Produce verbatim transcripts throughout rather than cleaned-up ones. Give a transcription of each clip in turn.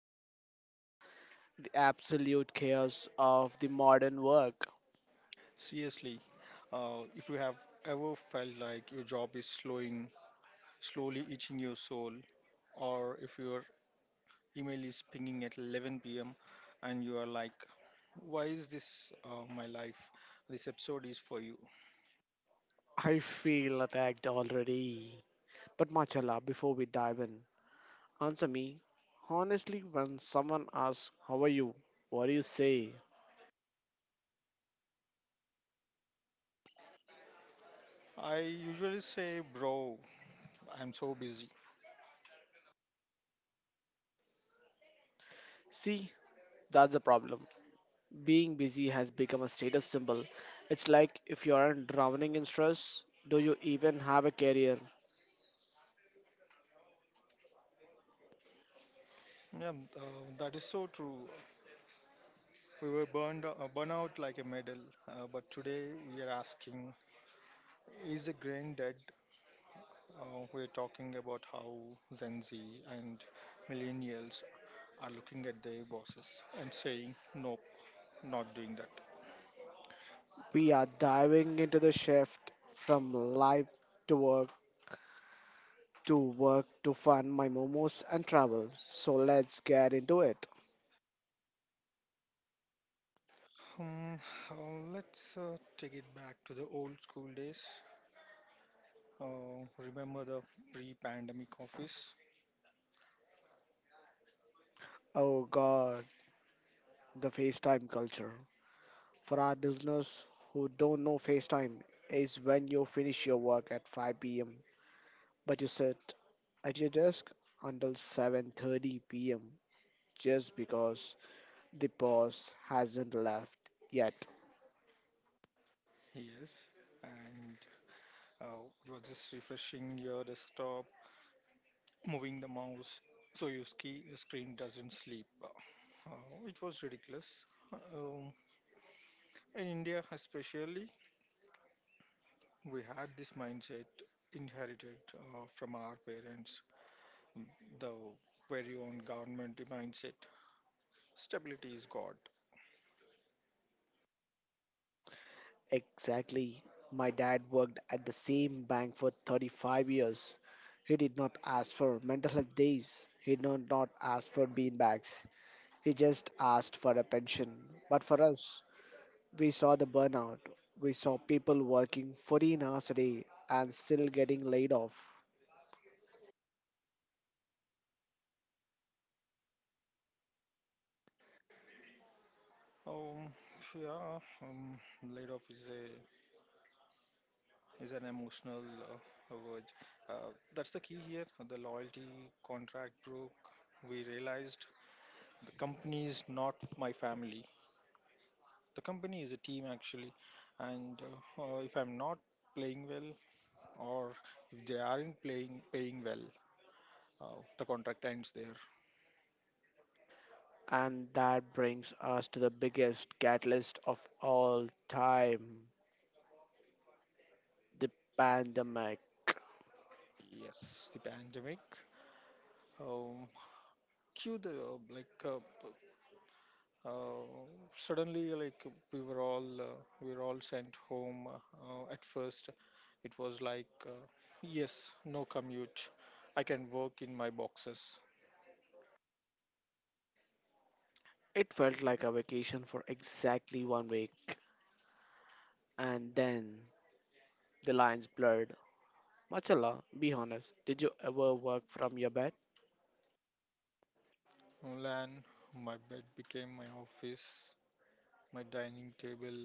can relate to the absolute chaos of the modern work. Seriously, uh, if you have ever felt like your job is slowing, slowly eating your soul, or if your email is pinging at eleven p m and you are like, why is this uh, my life? This episode is for you. I feel attacked already. But Machala, before we dive in, answer me. Honestly, when someone asks, How are you? What do you say? I usually say, bro, I'm so busy. See, that's the problem. Being busy has become a status symbol. It's like if you aren't drowning in stress, do you even have a career? Yeah, uh, that is so true. We were burned, uh, burn out like a medal, uh, but today we are asking is a grain dead? Uh, we're talking about how Gen Z and millennials are looking at their bosses and saying, nope, not doing that. We are diving into the shift from life to work to work to fun, my momos, and travel. So let's get into it. Hmm, uh, let's uh, take it back to the old school days. Uh, remember the pre pandemic office? Oh god, the FaceTime culture. For our listeners who don't know, FaceTime is when you finish your work at five p m but you sit at your desk until seven thirty p m just because the boss hasn't left yet. Yes, and uh, you are just refreshing your desktop, moving the mouse so your ski screen doesn't sleep. Uh, uh, it was ridiculous. Um, in India, especially, we had this mindset inherited uh, from our parents, the very own government mindset. Stability is God. Exactly. My dad worked at the same bank for thirty-five years. He did not ask for mental health days. He did not ask for beanbags. He just asked for a pension. But for us, we saw the burnout. We saw people working fourteen hours a day and still getting laid off. Um, yeah, um, Laid off is a is an emotional uh, word. Uh, that's the key here. The loyalty contract broke. We realized the company is not my family. The company is a team actually, and uh, uh, if I'm not playing well or if they aren't playing paying well, uh, the contract ends there. And that brings us to the biggest catalyst of all time the pandemic. Yes, the pandemic. Um, cue the uh, like uh, uh, suddenly like we were all uh, we were all sent home. Uh, uh, at first, it was like uh, yes, no commute. I can work in my boxes. It felt like a vacation for exactly one week. And then the lines blurred. Machala, be honest, did you ever work from your bed? Lan, my bed became my office, my dining table,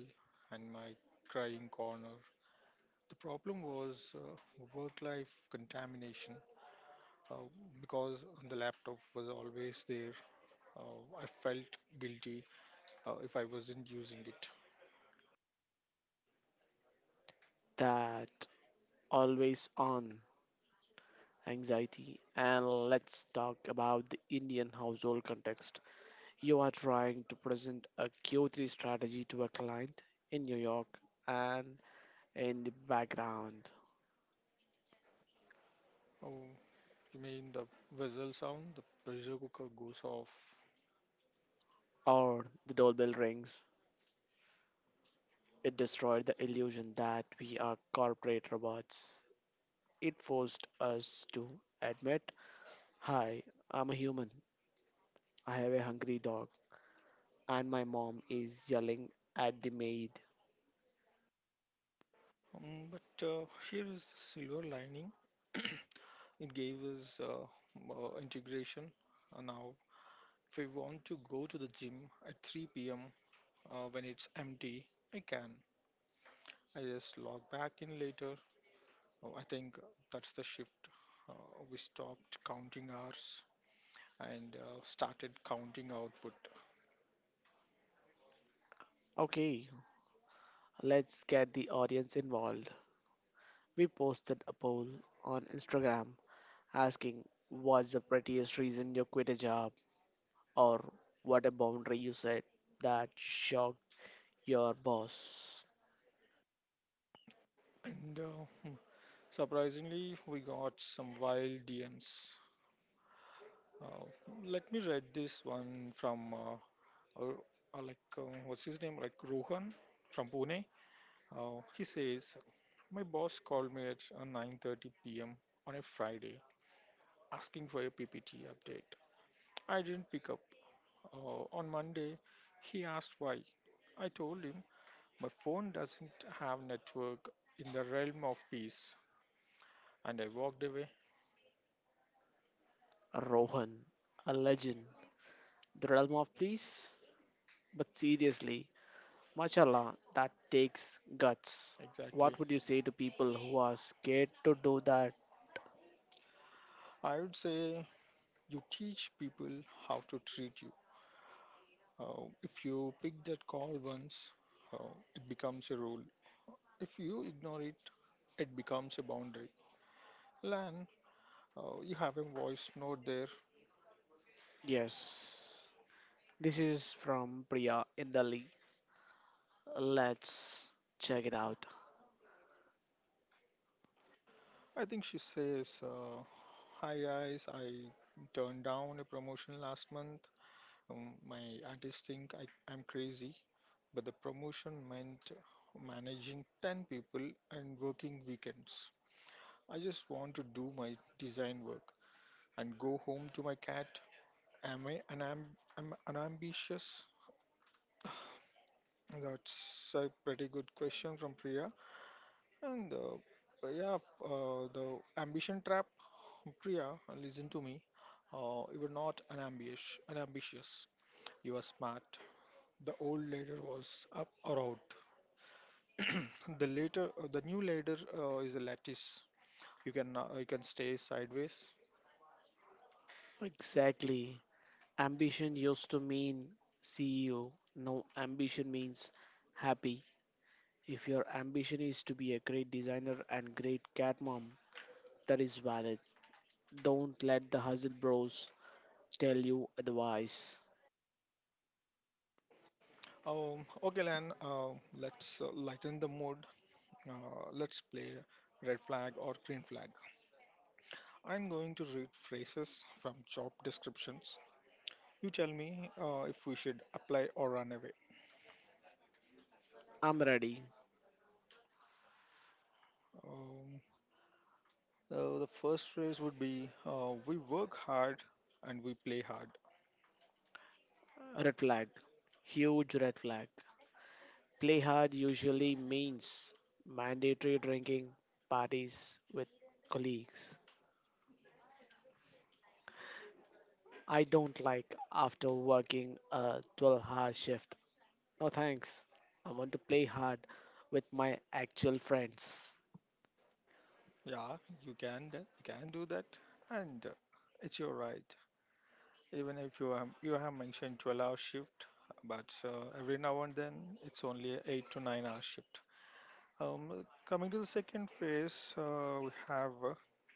and my crying corner. The problem was uh, work life contamination. Uh, because the laptop was always there, uh, I felt guilty uh, if I wasn't using it. That always on anxiety. And let's talk about the Indian household context. You are trying to present a Q three strategy to a client in New York, and in the background, Oh, you mean the whistle sound? The pressure cooker goes off. or the doorbell rings. It destroyed the illusion that we are corporate robots. It forced us to admit, Hi, I'm a human. I have a hungry dog, and my mom is yelling at the maid. Um, but uh, here is the silver lining. It gave us uh, m- uh, integration. Uh, now, if we want to go to the gym at three p m, Uh, when it's empty, I can. I just log back in later. Oh, I think that's the shift. Uh, we stopped counting hours and uh, started counting output. Okay, let's get the audience involved. We posted a poll on Instagram asking what's the prettiest reason you quit a job or what a boundary you set that shocked your boss. And uh, hmm, surprisingly, we got some wild D Ms. Uh, let me read this one from uh, uh, uh, like uh, what's his name? Like Rohan from Pune. Uh, he says, "My boss called me at uh, nine thirty p m on a Friday, asking for a P P T update. I didn't pick up. Uh, on Monday, he asked why. I told him my phone doesn't have network in the realm of peace, and I walked away." Rohan, a legend, the realm of please. But seriously, mashallah, that takes guts. Exactly. What would you say to people who are scared to do that I would say you teach people how to treat you. Uh, if you pick that call once, uh, it becomes a rule. If you ignore it, it becomes a boundary. Lan, uh, you have a voice note there. Yes, this is from Priya in Delhi. Let's check it out. I think she says, uh, Hi guys, I turned down a promotion last month. Um, my aunties think I, I'm crazy, but the promotion meant managing ten people and working weekends. I just want to do my design work and go home to my cat. Am I an, am, am an ambitious? That's a pretty good question from Priya. And uh, yeah, uh, the ambition trap, Priya, listen to me. Uh, you were not unambitious. unambitious. You were smart. The old leader was up or out. The later, uh, the new ladder uh, is a lattice. You can uh, you can stay sideways. Exactly. Ambition used to mean C E O. Now, ambition means happy. If your ambition is to be a great designer and great cat mom, that is valid. Don't let the hustle bros tell you otherwise. Um, okay, Lan. Uh, let's uh, lighten the mood. Uh, let's play red flag or green flag. I'm going to read phrases from job descriptions. You tell me uh, if we should apply or run away. I'm ready. Um, so the first phrase would be uh, we work hard and we play hard. Red flag. Huge red flag. Play hard usually means mandatory drinking parties with colleagues. I don't like after working a twelve hour shift. No thanks. I want to play hard with my actual friends. Yeah, you can that. You can do that, and uh, it's your right. Even if you have you have mentioned twelve hour shift, but uh, every now and then it's only a eight to nine hour shift. Um, coming to the second phase, uh, we have uh,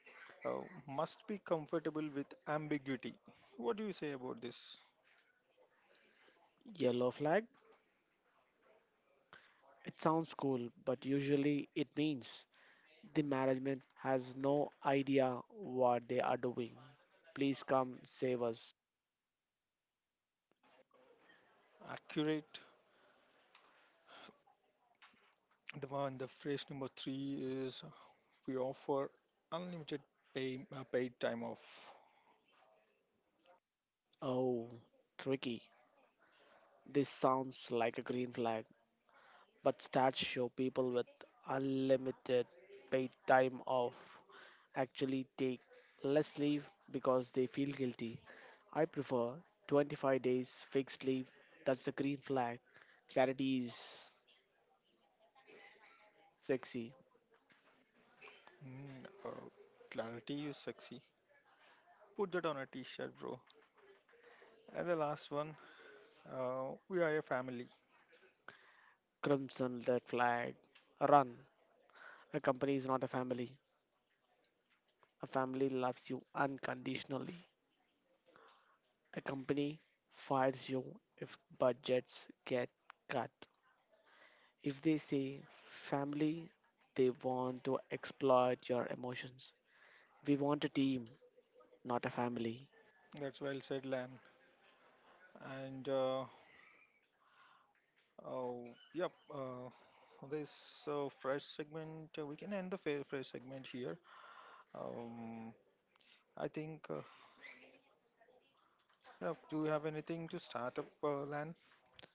uh, must be comfortable with ambiguity. What do you say about this? Yellow flag? It sounds cool, but usually it means the management has no idea what they are doing. Please come save us. Accurate. The one, the phrase number three is we offer unlimited pay, uh, paid time off. Oh, tricky. This sounds like a green flag. But stats show people with unlimited paid time off actually take less leave because they feel guilty. I prefer twenty-five days fixed leave. That's the green flag. Clarity is sexy. Mm, uh, clarity is sexy. Put that on a t-shirt, bro. And the last one, uh, we are a family. Crimson red flag. Run. A company is not a family. A family loves you unconditionally. A company fires you if budgets get cut. If they say family, they want to exploit your emotions. We want a team, not a family. That's well said, Lam. And uh, oh, yep, uh, this uh, fresh segment, uh, we can end the fa- fresh segment here. Um, I think, uh, yeah, do you have anything to start up, uh, Lan?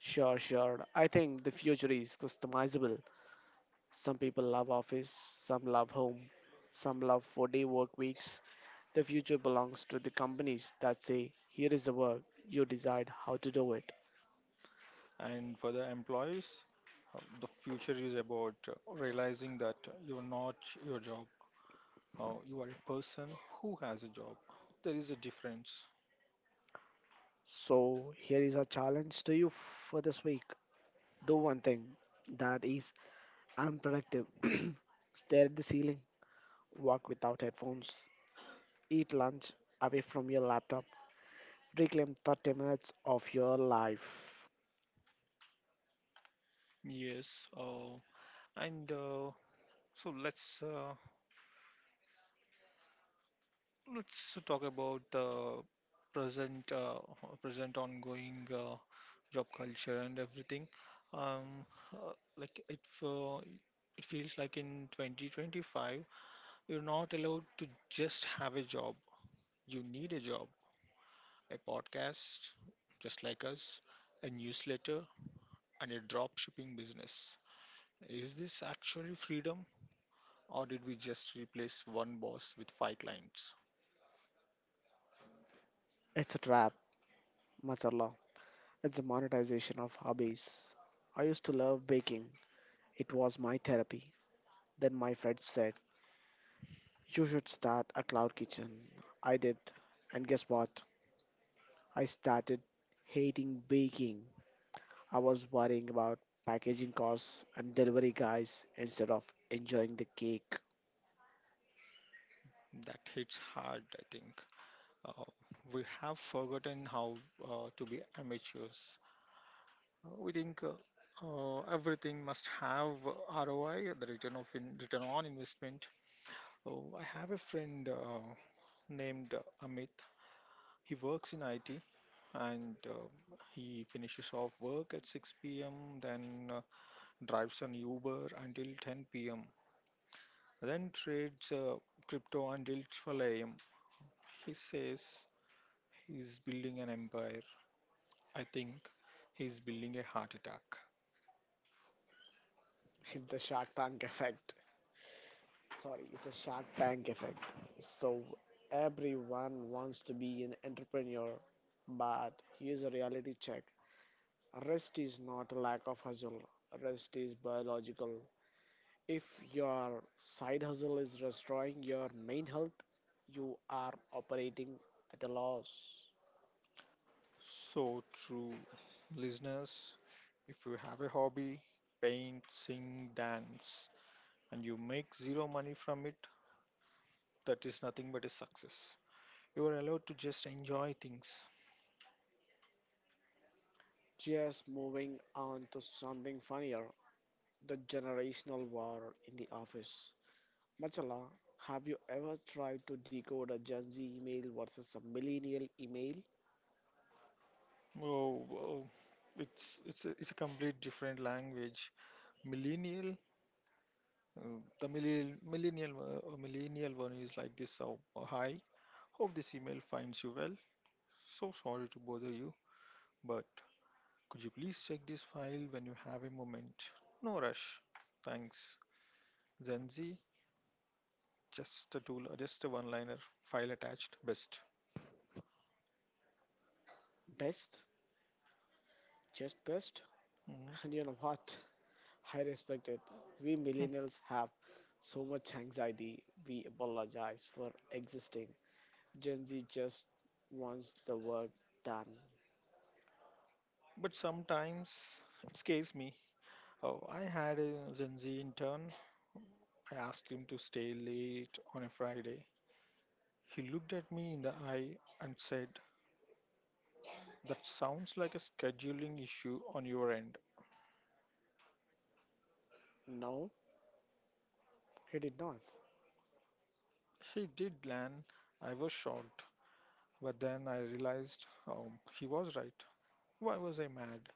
Sure, sure. I think the future is customizable. Some people love office, some love home, some love four day work weeks. The future belongs to the companies that say, here is the work, you decide how to do it. And for the employees, uh, the future is about uh, realizing that you're not your job. Uh, you are a person who has a job. There is a difference. So, here is a challenge to you for this week. Do one thing that is unproductive. Stare at the ceiling walk without headphones, eat lunch away from your laptop, reclaim thirty minutes of your life. Yes. Uh, and uh, so let's. Uh, let's talk about the present, uh, present ongoing uh, job culture and everything. Um, uh, like it, uh, it feels like in twenty twenty-five, you're not allowed to just have a job. You need a job, a podcast, just like us, a newsletter, and a drop shipping business. Is this actually freedom, or did we just replace one boss with five clients? It's a trap, mashallah. It's the monetization of hobbies. I used to love baking, it was my therapy. Then my friend said, You should start a cloud kitchen. I did, and guess what? I started hating baking. I was worrying about packaging costs and delivery guys instead of enjoying the cake. That hits hard, I think. Uh, we have forgotten how uh, to be amateurs. Uh, we think uh, uh, everything must have R O I, the return of in, return on investment. Oh, I have a friend uh, named uh, Amit. He works in I T and uh, he finishes off work at six p m. Then uh, drives an Uber until ten p m. Then trades uh, crypto until twelve a m. He says he's building an empire. I think he's building a heart attack. It's the Shark Tank effect. Sorry, it's a Shark Tank effect. So everyone wants to be an entrepreneur, but here's a reality check. Rest is not a lack of hustle. Rest is biological. If your side hustle is destroying your main health, you are operating at a loss. So true, listeners, if you have a hobby, paint, sing, dance, and you make zero money from it, that is nothing but a success. You are allowed to just enjoy things. Just moving on to something funnier, the generational war in the office. Machala, have you ever tried to decode a Gen Z email versus a millennial email? Oh, oh it's it's a, it's a complete different language. Millennial, uh, the millennial millennial uh, uh, millennial one is like this. Oh, hi, hope this email finds you well. So sorry to bother you, but could you please check this file when you have a moment? No rush. Thanks. Zenzi, just a tool, just a one liner, file attached, best. Best, just best. And Mhm. you know what? I respect it. We Hmm. millennials have so much anxiety, we apologize for existing. Gen Z just wants the work done. But sometimes it scares me. Oh, I had a Zenzi intern. I asked him to stay late on a Friday. He looked at me in the eye and said, that sounds like a scheduling issue on your end. No, he did not. He did, land. I was shocked. But then I realized um, he was right. Why was I mad?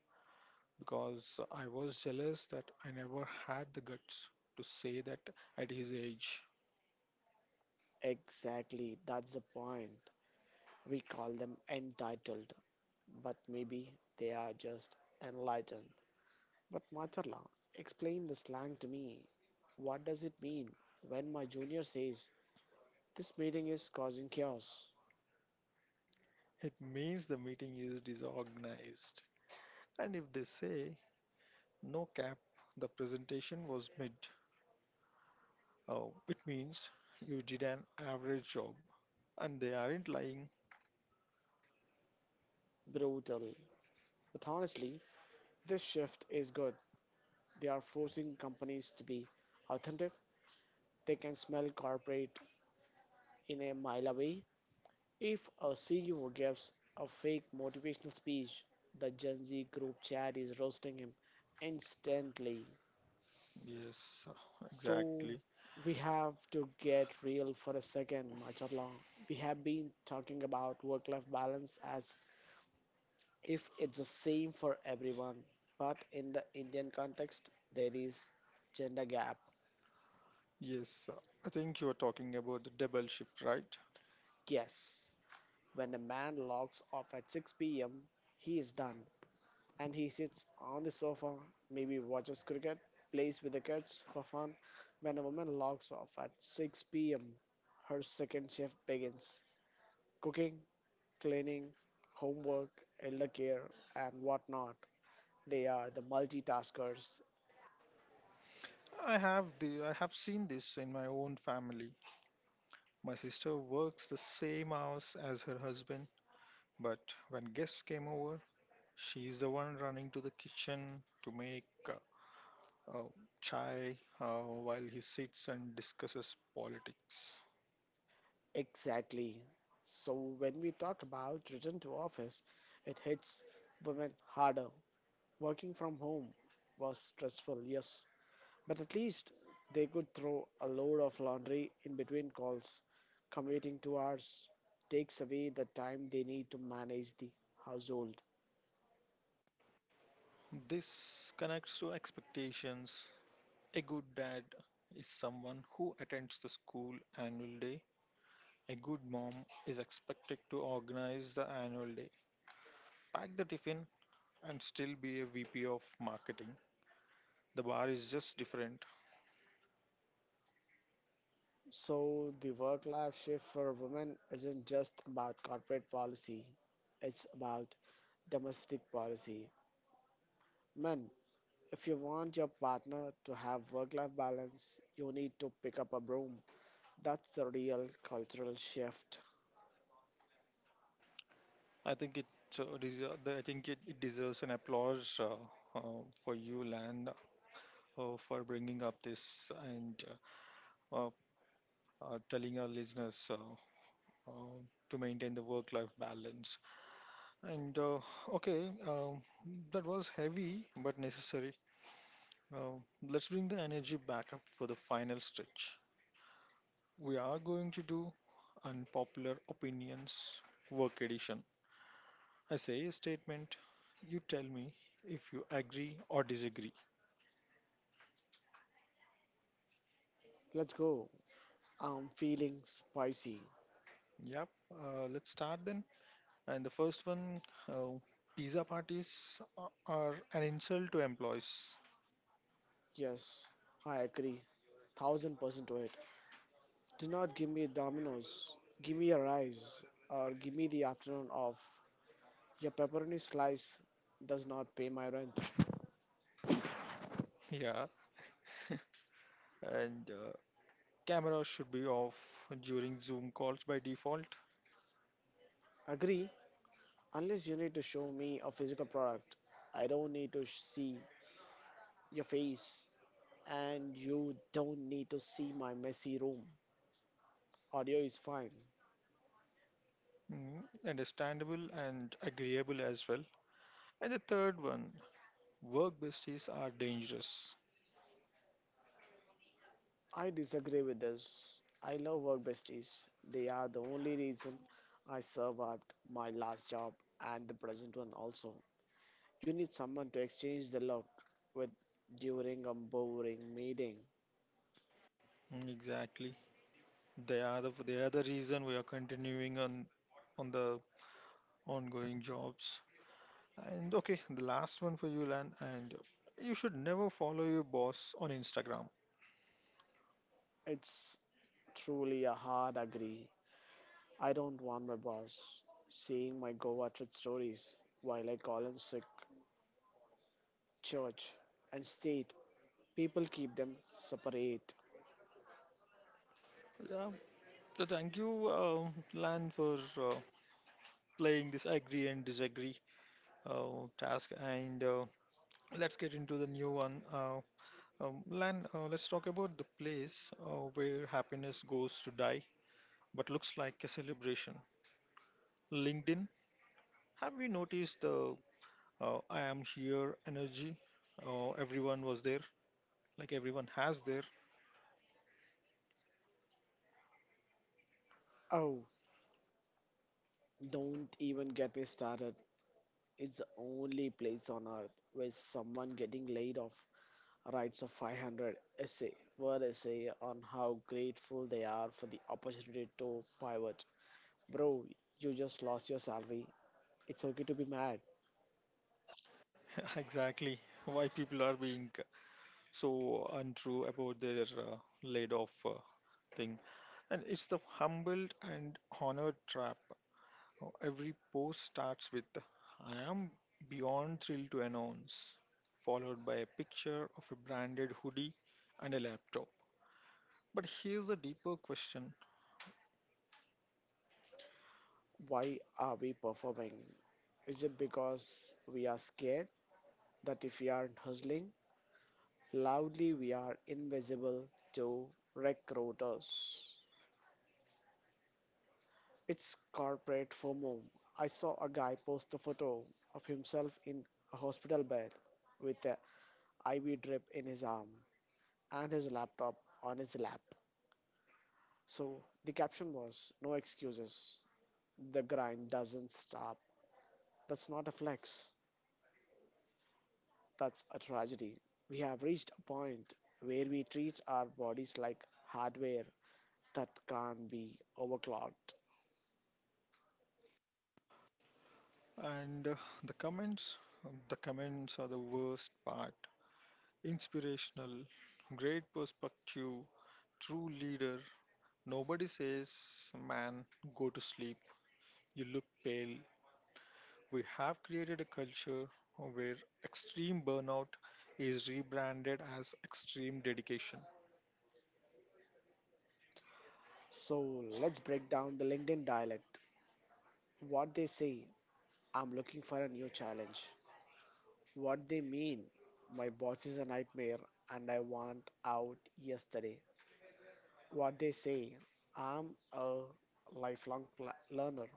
Because I was jealous that I never had the guts to say that at his age. Exactly, that's the point. We call them entitled, but maybe they are just enlightened. But Macharla, explain the slang to me. What does it mean when my junior says this meeting is causing chaos? It means the meeting is disorganized. And if they say no cap, the presentation was mid, oh, it means you did an average job. And they aren't lying. Brutal. But honestly, this shift is good. They are forcing companies to be authentic. They can smell corporate in a mile away. If a C E O gives a fake motivational speech, the Gen Z group chat is roasting him instantly. Yes, uh, So exactly. we have to get real for a second, Macharla. We have been talking about work-life balance as if it's the same for everyone, but in the Indian context, there is gender gap. Yes, uh, I think you are talking about the double shift, right? Yes, when a man logs off at six p m, he is done, and he sits on the sofa, maybe watches cricket, plays with the kids for fun. When a woman logs off at six p m, her second shift begins. Cooking, cleaning, homework, elder care, and whatnot. They are the multitaskers. I have the I have seen this in my own family. My sister works the same hours as her husband. But when guests came over, she's the one running to the kitchen to make uh, uh, chai uh, while he sits and discusses politics. Exactly. So when we talk about return to office, it hits women harder. Working from home was stressful, yes, but at least they could throw a load of laundry in between calls. Commuting two hours takes away the time they need to manage the household. This connects to expectations. A good dad is someone who attends the school annual day. A good mom is expected to organize the annual day, pack the tiffin, and still be a V P of marketing. The bar is just different. So, the work life shift for women isn't just about corporate policy, it's about domestic policy. Men, if you want your partner to have work life balance, you need to pick up a broom. That's the real cultural shift. I think it uh, deser- the- I think it, it deserves an applause uh, uh, for you, Land, uh, for bringing up this and uh, uh, uh, telling our listeners uh, uh, to maintain the work-life balance. And uh, okay, um, that was heavy but necessary. Uh, let's bring the energy back up for the final stretch. We are going to do unpopular opinions work edition. I say a statement, you tell me if you agree or disagree. Let's go. I'm feeling spicy. Yep, uh, let's start then. And the first one uh, pizza parties a- are an insult to employees. Yes, I agree. Thousand percent to it. Do not give me dominoes. Give me a rise or give me the afternoon off. Your pepperoni slice does not pay my rent. Yeah, and uh, cameras should be off during Zoom calls by default. Agree, unless you need to show me a physical product. I don't need to sh- see your face, and you don't need to see my messy room. Audio is fine. Mm, understandable and agreeable as well. And the third one, work besties are dangerous. I disagree with this. I love work besties. They are the only reason I survived my last job and the present one also. You need someone to exchange the look with during a boring meeting. Mm, exactly. They are the they are the reason we are continuing on on the ongoing jobs. And okay, the last one for you, Lan. And you should never follow your boss on Instagram. It's truly a hard agree. I don't want my boss seeing my Goa trip stories while I call in sick. Church and state, people keep them separate. Yeah, so thank you, uh, Lan, for uh, playing this agree and disagree uh, task. And uh, let's get into the new one. Uh, um, Lan, uh, let's talk about the place uh, where happiness goes to die, but looks like a celebration. LinkedIn. Have we noticed the uh, I am here energy? Uh, everyone was there like everyone has their Oh, don't even get me started. It's the only place on earth where someone getting laid off writes a five hundred essay, word essay on how grateful they are for the opportunity to pivot. Bro, you just lost your salary. It's okay to be mad. exactly why people are being so untrue about their uh, laid off uh, thing. And it's the humbled and honored trap. Now, every post starts with, "I am beyond thrilled to announce," followed by a picture of a branded hoodie and a laptop. But here's a deeper question, Why are we performing? Is it because we are scared that if we aren't hustling loudly, we are invisible to recruiters? It's corporate FOMO. I saw a guy post a photo of himself in a hospital bed with a I V drip in his arm and his laptop on his lap. So the caption was, No excuses. The grind doesn't stop. That's not a flex. That's a tragedy. We have reached a point where we treat our bodies like hardware that can't be overclocked. and uh, the comments, the comments are the worst part. Inspirational, great perspective, true leader. Nobody says, "Man, go to sleep. You look pale." We have created a culture where extreme burnout is rebranded as extreme dedication. So let's break down the LinkedIn dialect. What they say, I'm looking for a new challenge. What they mean, my boss is a nightmare and I want out yesterday. What they say, I'm a lifelong pl- learner.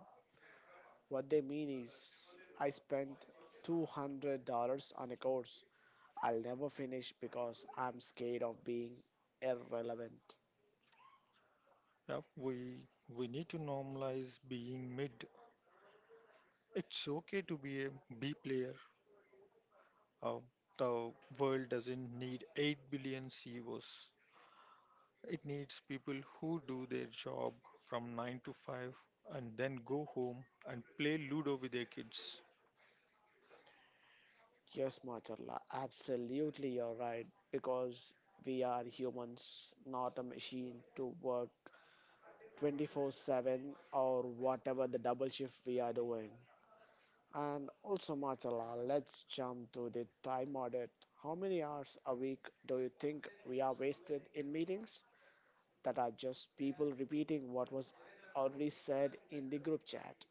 What they mean is, I spent two hundred dollars on a course I'll never finish because I'm scared of being irrelevant. Yep, we we need to normalize being mid. It's okay to be a B player. Uh, the world doesn't need eight billion C E Os. It needs people who do their job from nine to five and then go home and play Ludo with their kids. Yes, Macharla, absolutely you're right. Because we are humans, not a machine to work twenty-four seven or whatever the double shift we are doing. And also, Macharla, let's jump to the time audit. How many hours a week do you think we are wasted in meetings that are just people repeating what was already said in the group chat?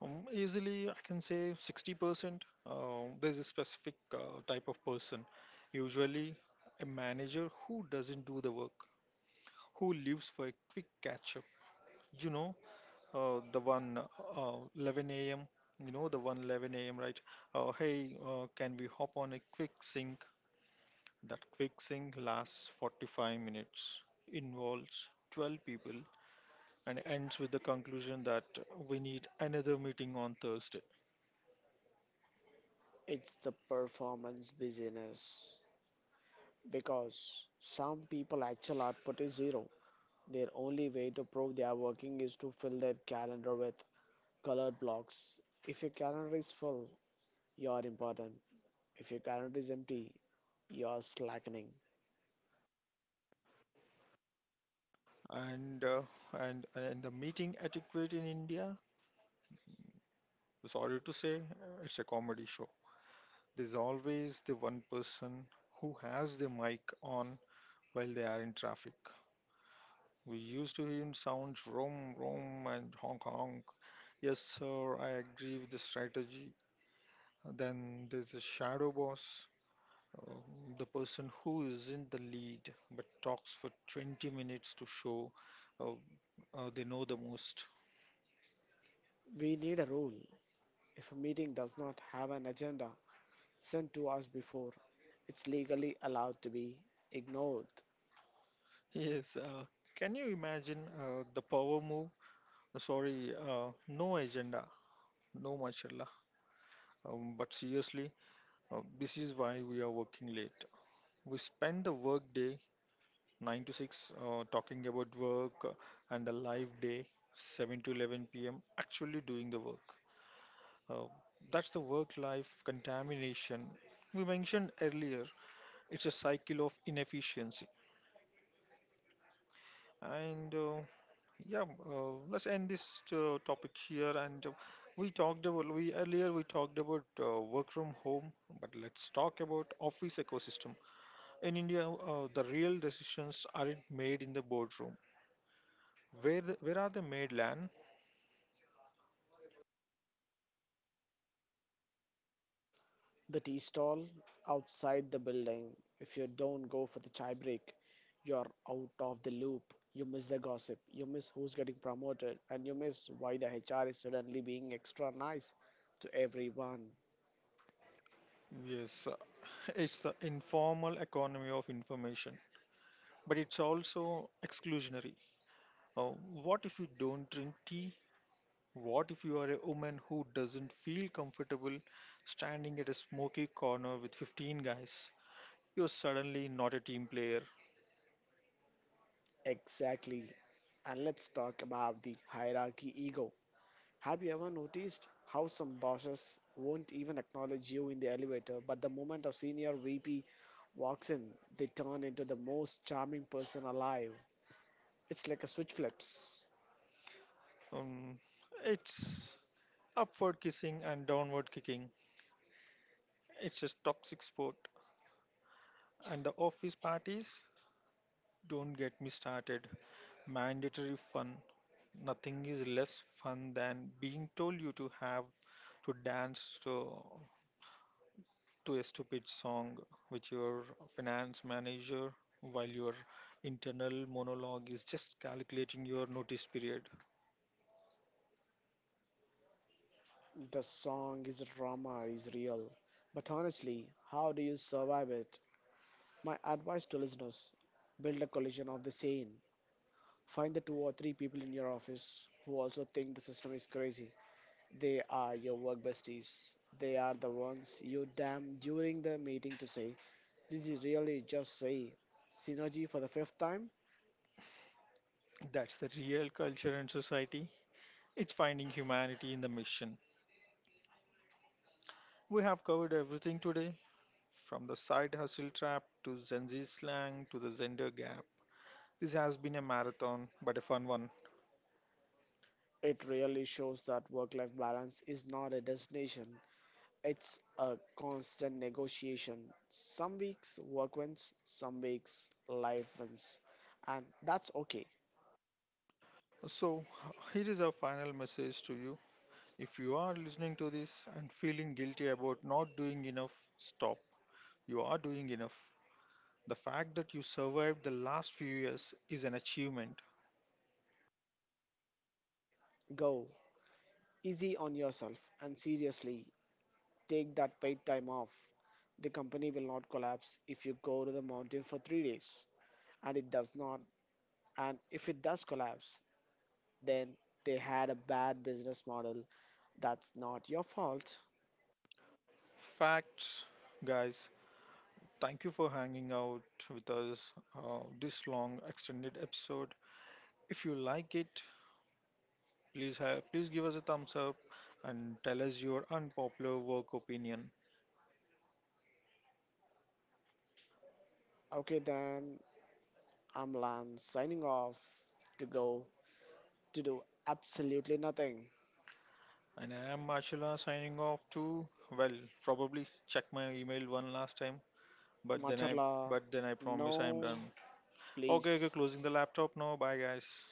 Um, easily, I can say sixty percent. Um, there's a specific uh, type of person, usually a manager who doesn't do the work, who lives for a quick catch up. You know, uh, the one uh, eleven a m, you know, the one eleven a m, right? Uh, hey, uh, can we hop on a quick sync? That quick sync lasts forty-five minutes, involves twelve people, and ends with the conclusion that we need another meeting on Thursday. It's the performance busyness. Because some people actual output is zero. Their only way to prove they are working is to fill their calendar with colored blocks. If your calendar is full, you are important. If your calendar is empty, you are slackening. and uh, and and the meeting etiquette in India. Sorry to say, uh, it's a comedy show. There's always the one person who has the mic on while they are in traffic. We used to hear sounds: roam, roam, and honk, honk. Yes, sir, I agree with the strategy. Then there's a shadow boss, um, the person who is in the lead but talks for twenty minutes to show uh, uh, they know the most. We need a rule. If a meeting does not have an agenda sent to us before, it's legally allowed to be ignored. Yes, uh, can you imagine uh, the power move? Uh, Sorry, uh, no agenda, no mashallah. Um, but seriously, uh, this is why we are working late. We spend the work day nine to six uh, talking about work, uh, and the live day seven to eleven p m actually doing the work. Uh, that's the work life contamination we mentioned earlier. It's a cycle of inefficiency. And uh, Yeah, uh, let's end this uh, topic here. And uh, we talked about we earlier we talked about uh, work from home, but let's talk about office ecosystem. In India, uh, the real decisions aren't made in the boardroom. Where the, where are they made, Lan? The tea stall outside the building. If you don't go for the chai break, you're out of the loop. You miss the gossip, you miss who's getting promoted, and you miss why the H R is suddenly being extra nice to everyone. Yes, uh, it's the informal economy of information, but it's also exclusionary. Uh, what if you don't drink tea? What if you are a woman who doesn't feel comfortable standing at a smoky corner with fifteen guys? You're suddenly not a team player. Exactly. And let's talk about the hierarchy ego. Have you ever noticed how some bosses won't even acknowledge you in the elevator, but the moment a senior V P walks in, they turn into the most charming person alive? It's like a switch flips. Um, it's upward kissing and downward kicking. It's a toxic sport. And the office parties? Don't get me started. Mandatory fun. Nothing is less fun than being told you to have to dance to to a stupid song which your finance manager, while your internal monologue is just calculating your notice period. The song is drama, is real. But honestly, how do you survive it? My advice to listeners build a collision of the sane. Find the two or three people in your office who also think the system is crazy. They are your work besties. They are the ones you damn during the meeting to say, Did you really just say synergy for the fifth time? That's the real culture and society. It's finding humanity in the mission. We have covered everything today, from the side hustle trap to Gen Z slang to the gender gap. This has been a marathon, but a fun one. It really shows that work life balance is not a destination, it's a constant negotiation. Some weeks work wins, some weeks life wins. And that's okay. So, here is our final message to you. If you are listening to this and feeling guilty about not doing enough, stop. You are doing enough. The fact that you survived the last few years is an achievement. Go easy on yourself and seriously take that paid time off. The company will not collapse if you go to the mountain for three days. And it does not. And if it does collapse, then they had a bad business model. That's not your fault. Facts, guys. Thank you for hanging out with us uh, this long extended episode. If you like it, please have, please give us a thumbs up and tell us your unpopular work opinion. Okay, then I'm Lan signing off to go to do absolutely nothing. And I am Marshalla signing off to, well, probably check my email one last time, but then I Macharla. but then I No, promise I am done. please. Okay, okay, closing the laptop now. Bye, guys.